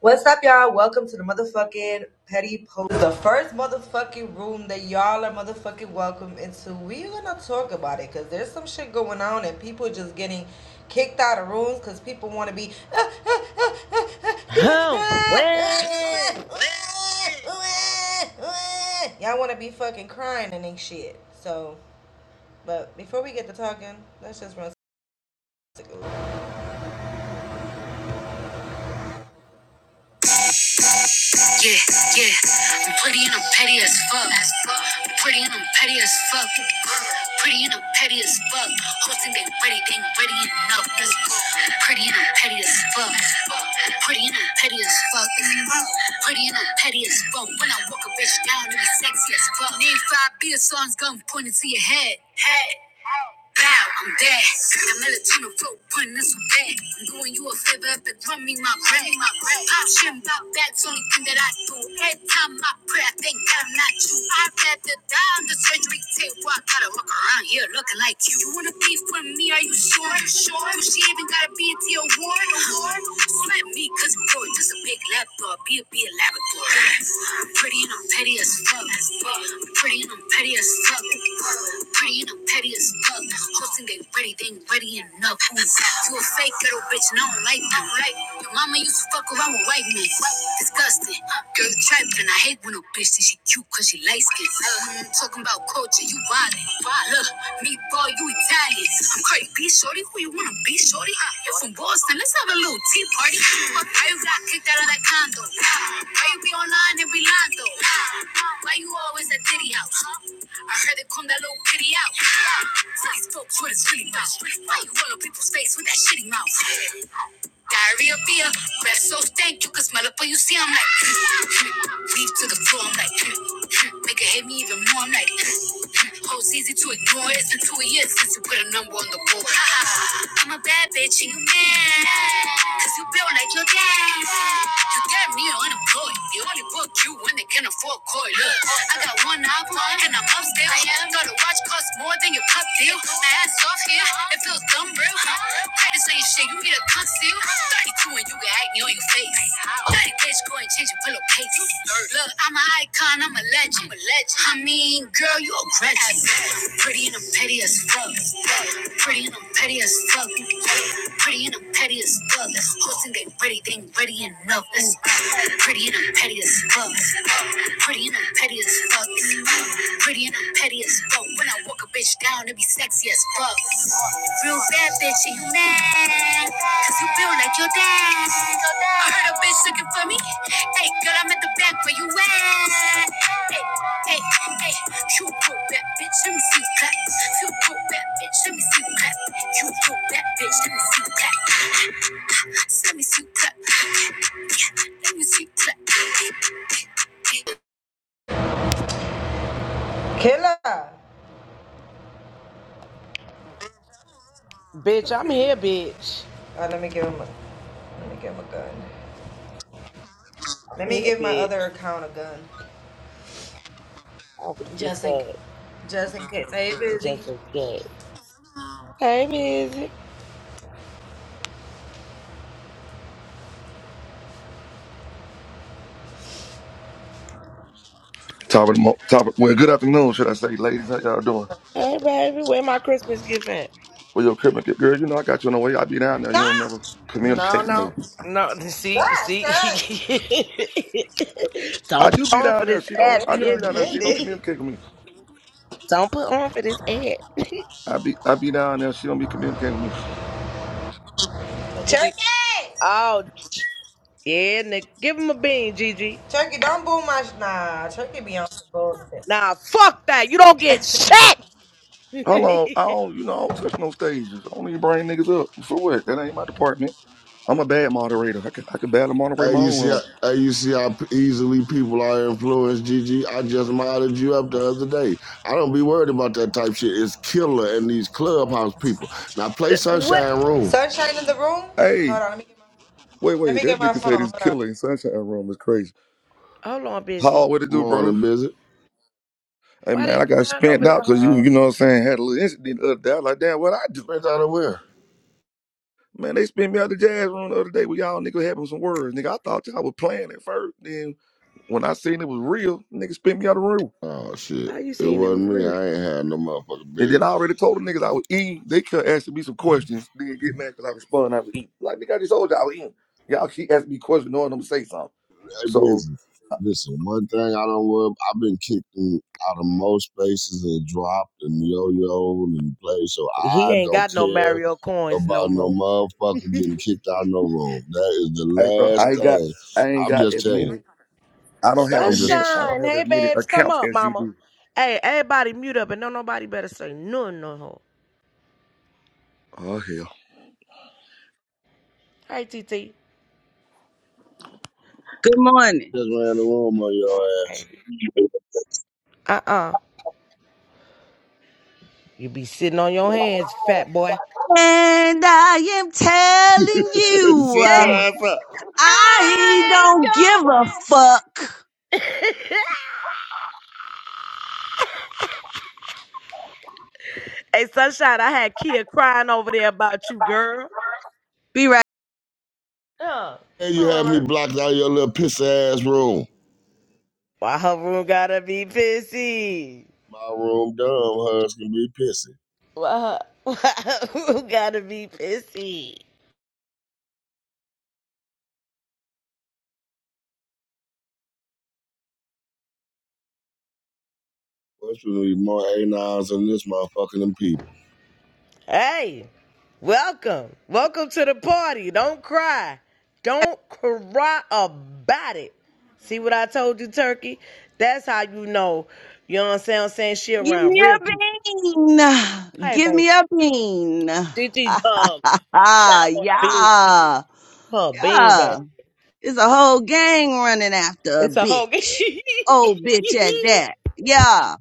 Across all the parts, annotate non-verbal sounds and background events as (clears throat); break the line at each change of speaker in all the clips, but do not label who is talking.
What's up, y'all? Welcome to the motherfucking Petty Post, the first motherfucking room that y'all are motherfucking welcome into. We're gonna talk about it because there's some shit going on and people just getting kicked out of rooms because people want to be. (laughs)
Huh? Where,
Y'all want to be fucking crying and ain't shit. So, but before we get to talking, let's just run. Yeah, yeah. I'm pretty and I'm petty as fuck. I'm Pretty and I'm petty as fuck. Pretty and I'm petty as fuck. Hosting they ready, they ain't ready enough. Pretty and I'm petty as fuck. Pretty and I'm petty as fuck. Pretty and I'm petty as fuck. When I walk a bitch down, it be sexy as fuck. Need five beer songs, gun pointed to your head. Head. Bow, I'm dead. The melatonin flow, putting this on bed. I'm doing you a favor if it me my bread. My bread. Pop shit about that's only thing that I do. Every time I pray, I think that I'm not you. I'd rather die on the surgery table. I gotta walk around here looking like you. You wanna be from me? Are you sure? Are you sure? Do she even gotta be into your war? Slap me, cause bro, just a big lap dog. Be a be a Labrador. I'm pretty and I'm petty as fuck. I'm pretty and I'm petty as fuck. I'm Pretty and I'm petty as stuck. Tilting ain't ready, they ain't ready enough. you a fake little bitch, and I don't like that. Right? Your mama used to fuck around with white men. Disgusting. Girl, you trapped, I hate when a bitch thinks she cute cause she light skinned. Uh, talking about culture, you wildin'. Look, me boy, you Italian. I'm Cardi B, shorty. Who you wanna be, shorty? Uh, You from Boston? Let's have a little tea party. Fuck, Why you got kicked out of that condo? Why you be online every line though? Why you always at Diddy house? I heard it come that little kitty out. So these folks what it's really about. Why you roll on people's face with that shitty mouth? Diarrhea beer, breath so stank you can smell it when you see. I'm like, (laughs) leave to the floor. I'm like, (laughs) make it hate me even more. I'm like, (laughs) hoes easy to ignore. It's been two years since you put a number on the board. (laughs) I'm a bad bitch, and you mad. Cause you built like your dad. You damn near unemployed. They only book you when they can afford coy. Look, I got one album and I'm upstairs. still. Thought a watch costs more than your pop deal. My ass off here, it feels dumb real. Practice ain't shit, you need a conceal. 32 and you can act new in your face pace, going changing pillow pace. You Look, I'm an icon, I'm a legend. I'm a legend. I mean, girl, you a legend. Pretty and I'm petty as fuck. Pretty and I'm petty as fuck. Pretty and I'm petty as fuck. Listen, they ready, they ain't ready enough. Let's go. Pretty and I'm petty as fuck. Pretty and I'm petty as fuck. Pretty and I'm petty as fuck. When I walk bitch down and be sexy as fuck. Real bad bitch, and you mad? Cause you feel like your dad. I heard a bitch looking for me. Hey, girl, I'm at the back where you at. Hey, hey, hey, you broke that bitch, let me see you clap. You broke that bitch, let me see you clap. You broke that bitch, let me see you clap. Let me see you clap. Let me see you clap. Killer!
Bitch, I'm here, bitch.
Oh, let me give him a, let me give him a gun.
I'm
Let me
here,
give my other
bitch.
account a gun.
I'm weak as
Just in,
fuck.
just in case. Hey, busy.
Just in case. Hey, Mizzy.
Top of the mo- top. Of, well, good afternoon, should I say, ladies? How y'all doing?
Hey, baby. Where my Christmas gift at?
Well, your equipment, girl, you know I got you on the way. I be down there.
Nah,
You don't never
that's
No,
communicate
no.
with me.
No, see, see.
right.
(laughs)
I
Don't put
do be
on for
down there.
this
She don't.
Wait
ad, you
I
a
do
hear
be down there. She don't
minute.
me?
communicate with me.
(laughs) Don't put on for this ad.
I be I be down there. She don't be communicating with me.
Cause you be,
Turkey!
oh, yeah, nigga. Give him a bean, Gigi.
Turkey, don't boo my. Sh- nah, Turkey be on some bullshit.
Nah, fuck that. You don't get
(laughs)
shit.
Hold on. I
(laughs)
don't. You know I don't touch no stages. I don't even bring niggas up. For what? That ain't my department. I'm a bad moderator. I can I can badly moderate
Hey,
my
you
own
see, how-
room.
hey, you see how p- easily people are influenced, Gigi. I just modded you up the other day. I don't be worried about that type shit. It's killer in these clubhouse people. Now play
what?
Sunshine Room.
Sunshine in the room?
Hey,
Hold on, let me get my,
wait,
let
wait.
me get
That
my
nigga
phone.
said he's
Hold on.
killing sunshine room is crazy.
Hold on,
How
busy.
what it do, bro?
Morning, busy.
Hey
Why they
man, I got
crying over
spent
there,
out because you,
hog?
you know what I'm saying, had a little incident the other day. I was like, damn, what I do?
Straight out of where?
Man, they spent me out the jazz room the other day with y'all niggas having some words. Nigga, I thought y'all was playing at first. Then when I seen it was real, nigga, spent me out the room.
Oh shit,
How you
it
seen it was
wasn't me.
real?
I ain't had no motherfucking
And
motherfucker
then I already told the niggas I was eating. They kept asking me some questions. Then get mad because I respond, I was eating. Like, nigga, I just told y'all I was eating. Y'all keep asking me questions knowing I'm gonna say something.
stay
So,
busy. Listen, one thing I don't worry. I've been kicked in, out of most spaces and dropped and yo-yoed and played, so
He
I
ain't
don't
got no
care
Mario coins no
about no
more.
motherfucker getting kicked out of no room. That is the
hey, bro,
last
I ain't got,
thing.
I ain't
I'm
got
just
as
telling you.
many, I don't have
I'm
as
just
many, I don't
Sunshine,
have as
hey
many
babes, come
accounts
up,
as you
mama.
do.
Hey, everybody mute up and don't nobody better say nothing no
Oh, hell. (sighs)
hog. Hey, TT.
Good morning.
just ran the room on your
Morning,
ass.
baby. Uh-uh. You be sitting on your hands, fat boy.
And I am
(laughs)
telling you,
Shut
uh,
your
Yes.
ass up.
I
I ain't
don't give a fuck.
going. (laughs) hey, Sunshine, I had Kia crying over there about you, girl.
Be right.
Yeah.
And you
All
had me
right,
blocked out of your little pissy ass room.
Why her room gotta be pissy?
My room dumb, hers can be pissy.
Why her, (laughs) why her room gotta be pissy?
What's with me more A9s than this motherfucking MP?
Hey, welcome. Welcome to the party. Don't cry. Don't cry about it. See what I told you, Turkey? That's how you know, you know what I'm saying, I'm saying shit
Give
around
me
real
a
people.
bean.
Hey,
Give
baby.
me a bean. (laughs)
DT, um, Shine
Ah, ah,
want a bean.
yeah.
Her bean,
Yeah.
baby.
It's a whole gang running after a
It's a whole (laughs)
bitch. Oh, bitch at that. Yeah.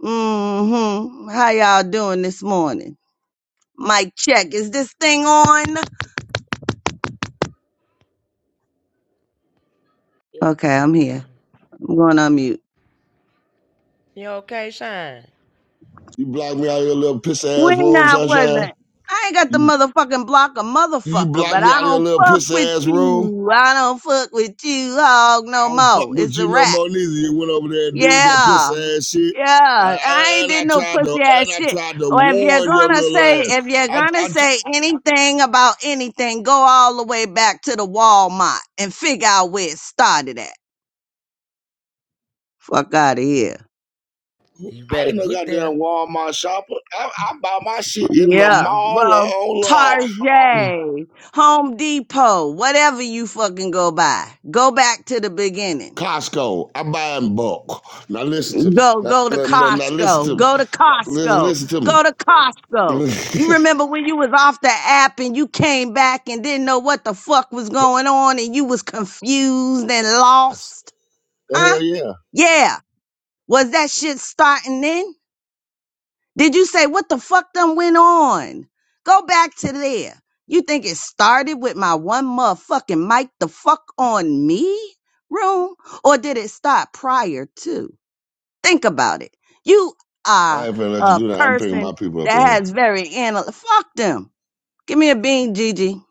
Mm-hmm. How y'all doing this morning? Mic check. Is this thing on? Okay, I'm here. I'm going on mute.
You okay, Shine?
You block me out of your little piss ass
When
room,
I
sunshine.
wasn't. I ain't got the
You
motherfucking block of
you
motherfucker,
block
but
me
I
out of your
don't
little
fuck
piss
with
ass room.
you. I don't fuck with you, hog,
I
no
don't fuck
more.
with
It's
you
a
no
wrap.
more neither. You went over there and did that pussy
Yeah.
ass shit. I,
Yeah. I
I,
ain't
and I
did no
tried to
pussy
and
ass
I
shit.
tried to
Or if you're
warn your
gonna
little
say,
ass.
if you're
I
gonna
I,
say anything about anything, go all the way back to the Walmart and figure out where it started at. Fuck out of here.
You
I
better
ain't no
get there.
goddamn Walmart shopper. I, I buy my shit in the
Yeah.
mall or
Well,
online.
Tarjay, Home Depot, whatever you fucking go by. Go back to the beginning.
Costco. I buy in bulk. Now listen to me.
Go,
Now,
go to
now, now listen
Costco.
to me.
Go to
Listen,
Costco.
listen to me.
Go to Costco. You remember when you was off the app and you came back and didn't know what the fuck was going on and you was confused and lost?
(laughs)
Huh?
hell yeah.
Yeah. Was that shit starting then? Did you say what the fuck done went on? Go back to there. You think it started with my one motherfucking mic the fuck on me room? Or did it start prior to? Think about it. You
I
are
ain't finna let you
a
do that. I'm picking my
person
people up in
that
here.
has very anal fuck them. Give me a bean, Gigi.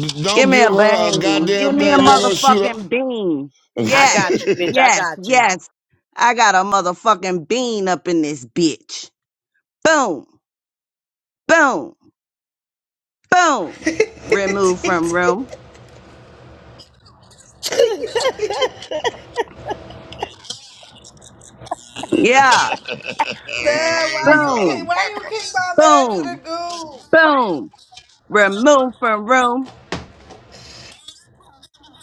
D-
Give
don't
me
give
a
her a
bean. Give
goddamn
me a
thing. You ain't gonna shoot her.
motherfucking bean.
(laughs)
I
Yes,
got you, bitch. I
yes,
got you.
yes. I got a motherfucking bean up in this bitch. Boom, boom. boom, remove from
(laughs)
room.
(laughs)
you
Yeah,
Damn, why you kick,
boom,
why you
motherfucker.
kick my man to the
boom,
goo?
boom, remove from room.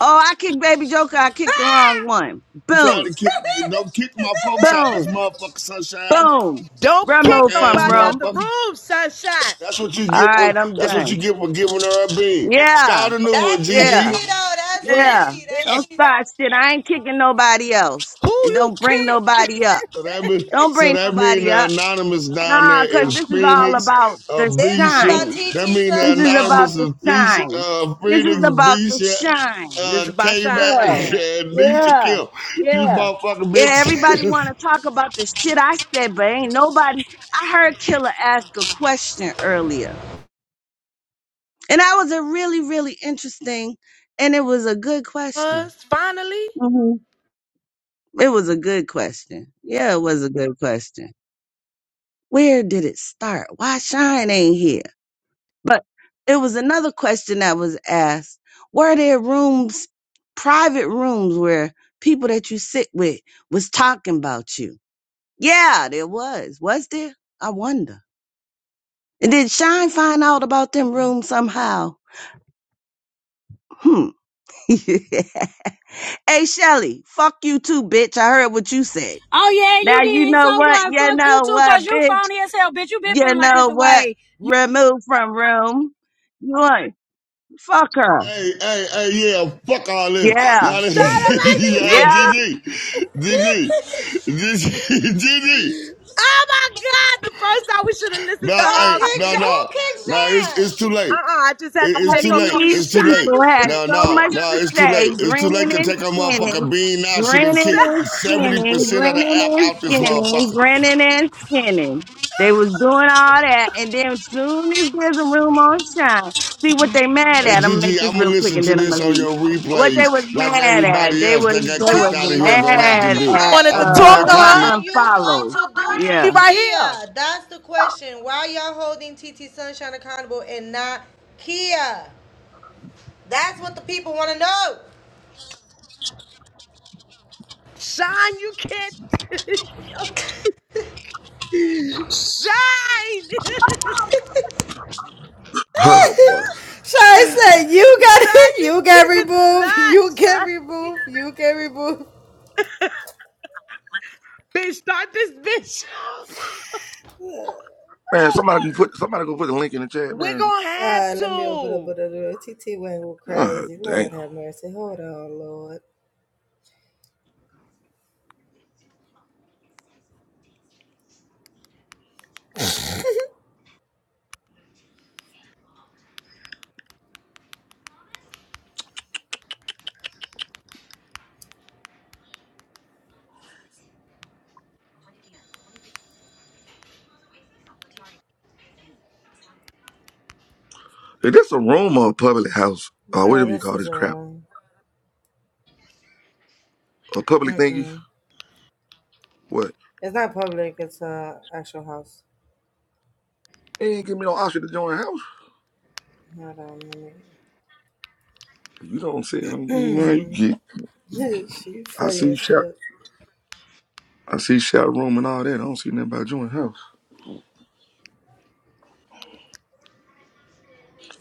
Oh, I kicked Baby Joker. I kicked the
Ah!
wrong one.
You
(laughs)
trying
Boom,
to kick? Don't kick my folks out this
boom,
motherfucker, sunshine.
boom,
Don't kick
Punk
remove
ass
from
nobody out
room.
the
motherfucker.
room, sunshine.
That's what you
All
get
right,
for.
I'm
That's what you
done.
get for giving her a bean.
Yeah,
Start a new one,
that's TT
yeah,
Gigi.
though, that's
(laughs)
yeah.
TT, that's
Don't
TT.
start shit. I ain't kicking nobody else.
Who
And
you
don't bring
kick?
nobody up.
So that mean,
Don't
so
bring
that mean
nobody
the
up.
anonymous down
Nah,
there
cause
is
this is all
Phoenix,
about
uh,
the
This is
Bisha.
about
shine.
That
TT
mean
This
the
is about
anonymous
Sunshine.
to
is Phoenix,
shine.
uh,
This is
Phoenix,
about to
Bisha,
shine.
This is
uh,
about shine
K-Mac, (laughs)
right
Yeah,
now.
and Nisha
yeah,
Kim. You
yeah.
motherfucking
Yeah, everybody
bitches. (laughs)
want to talk about the shit I said, but ain't nobody. I heard Killer ask a question earlier, and that was a really, really interesting, and it was a good question.
Us finally.
hmm It was a good question. Yeah, it was a good question. Where did it start? Why Shine ain't here? But it was another question that was asked. Were there rooms, private rooms where people that you sit with was talking about you? Yeah, there was. Was there? I wonder. And did Shine find out about them rooms somehow? Hmm. (laughs) hey Shelly, fuck you too, bitch. I heard what you said.
Oh yeah, you
Now you
did. So
know what?
what?
You
Fuck you
know
too, cause
what,
you
bitch?
phony as hell, bitch. You been
You
feeling like this
know
away.
what? Remove from room. You want fuck her.
hey, hey, hey, yeah, fuck all this.
Yeah.
Y'all, (laughs) done-
Shine
G
around to
G
Yeah.
take it.
G G G G, (laughs) G G.
Oh my God! The first time we should have listened
Nah,
to
Don't
hey,
Hog, we
kick
nah,
Sh-
did it.
Who
nah,
kicked
nah, it's, it's too
Shine?
late.
Uh-uh, I just had
It-
to
All
it's
take
too
her
late.
being
these
It's too
shine.
late.
people
You
had
can't
No,
so
kick
no,
much
out
no,
to
it's too
say,
late. It's too
grinning
late to
and
take her motherfucking
skinning,
bean now. She done
grinning
kicked
Shine
and skinning,
70% of the
grinning
app
and
out this
skinning,
motherfucker.
grinning and skinning. They was doing all that, and then soon as there's a room on shine, see what they mad
Hey,
at. I'm gonna
Gigi,
make
I'm
this
going to
real quick,
listen
and
to
then I'm
this
gonna
on
leave.
your
What
replays
they was
like
mad at,
everybody
they
else
was
that got
they
kicked
was
out of
Turkey,
here
the
going to have to
question
mad
do.
(laughs)
at
wanted to
I'm
is,
talk
uh
to
my
what
her.
boycotting this.
are you going
unfollow.
to do to
He
Yeah.
right here.
Kia? That's the question. Why y'all holding TT Sunshine accountable and not Kia? That's what the people want to know.
Shine, you can't. Shine! (laughs)
Oh, boy.
Shy said, "You got (laughs)
Shine,
it.
you
You get removed.
cannot
You get
shine.
removed. You get removed."
Bitch, start this bitch up.
Man, somebody can put somebody go put the link in the chat,
We're
man.
gonna
All
have
right, let me open up
to.
another room. TT went
God
crazy.
damn.
Lord have mercy. Hold on, Lord.
Is this a room or a public house, or
Nah,
whatever you
this
call
is
this crap,
all right.
a public thingy,
Mm-mm.
what?
It's not public. It's a actual house.
They ain't give me no option to join the house.
Hold on, let me.
You don't say something, you know you get.
(clears throat) she
I
funny
see
as
shout,
fuck.
I see shout room and all that. I don't see nothing about joining house.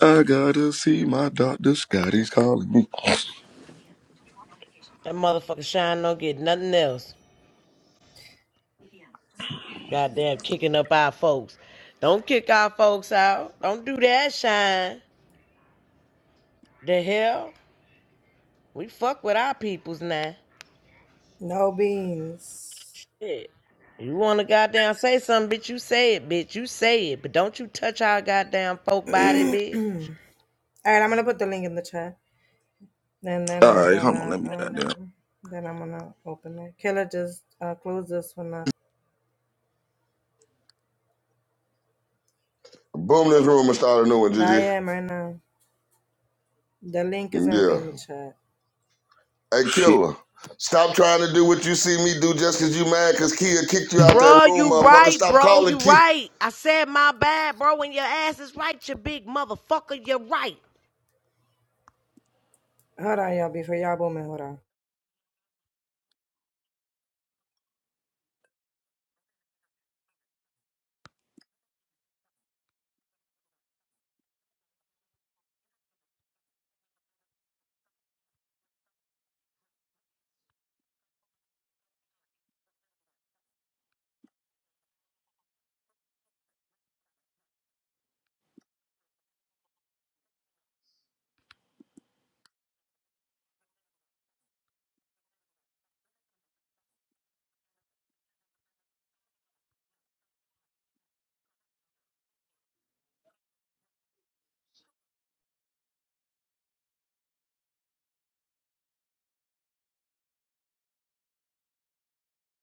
I gotta see my doctor. Scotty's calling me. All
That motherfucker Shine don't get nothing else. Goddamn kicking up our folks. Don't kick our folks out. Don't do that, Shine. The hell? We fuck with our peoples now.
No beans.
Shit. You wanna goddamn say something, bitch, you say it, bitch. You say it. But don't you touch our goddamn folk body, bitch.
All right, I'm gonna put the link in the chat, and then I'm
right, hold on.
gonna
Let me goddamn.
um, then I'm gonna open it. Killer just uh, close this one up.
Boom this room and start a new one,
I
Gigi.
am right now. The link is gonna be
Yeah.
in the chat.
Hey,
shit.
Killer, stop trying to do what you see me do just 'cause you mad 'cause Kia kicked you out that
Bro,
room,
you
motherfucker.
right,
Stop
bro.
calling
You
Kia.
right. I said my bad, bro. When your ass is right, you big motherfucker, you're right.
Hold on, y'all. Before y'all booming, hold on.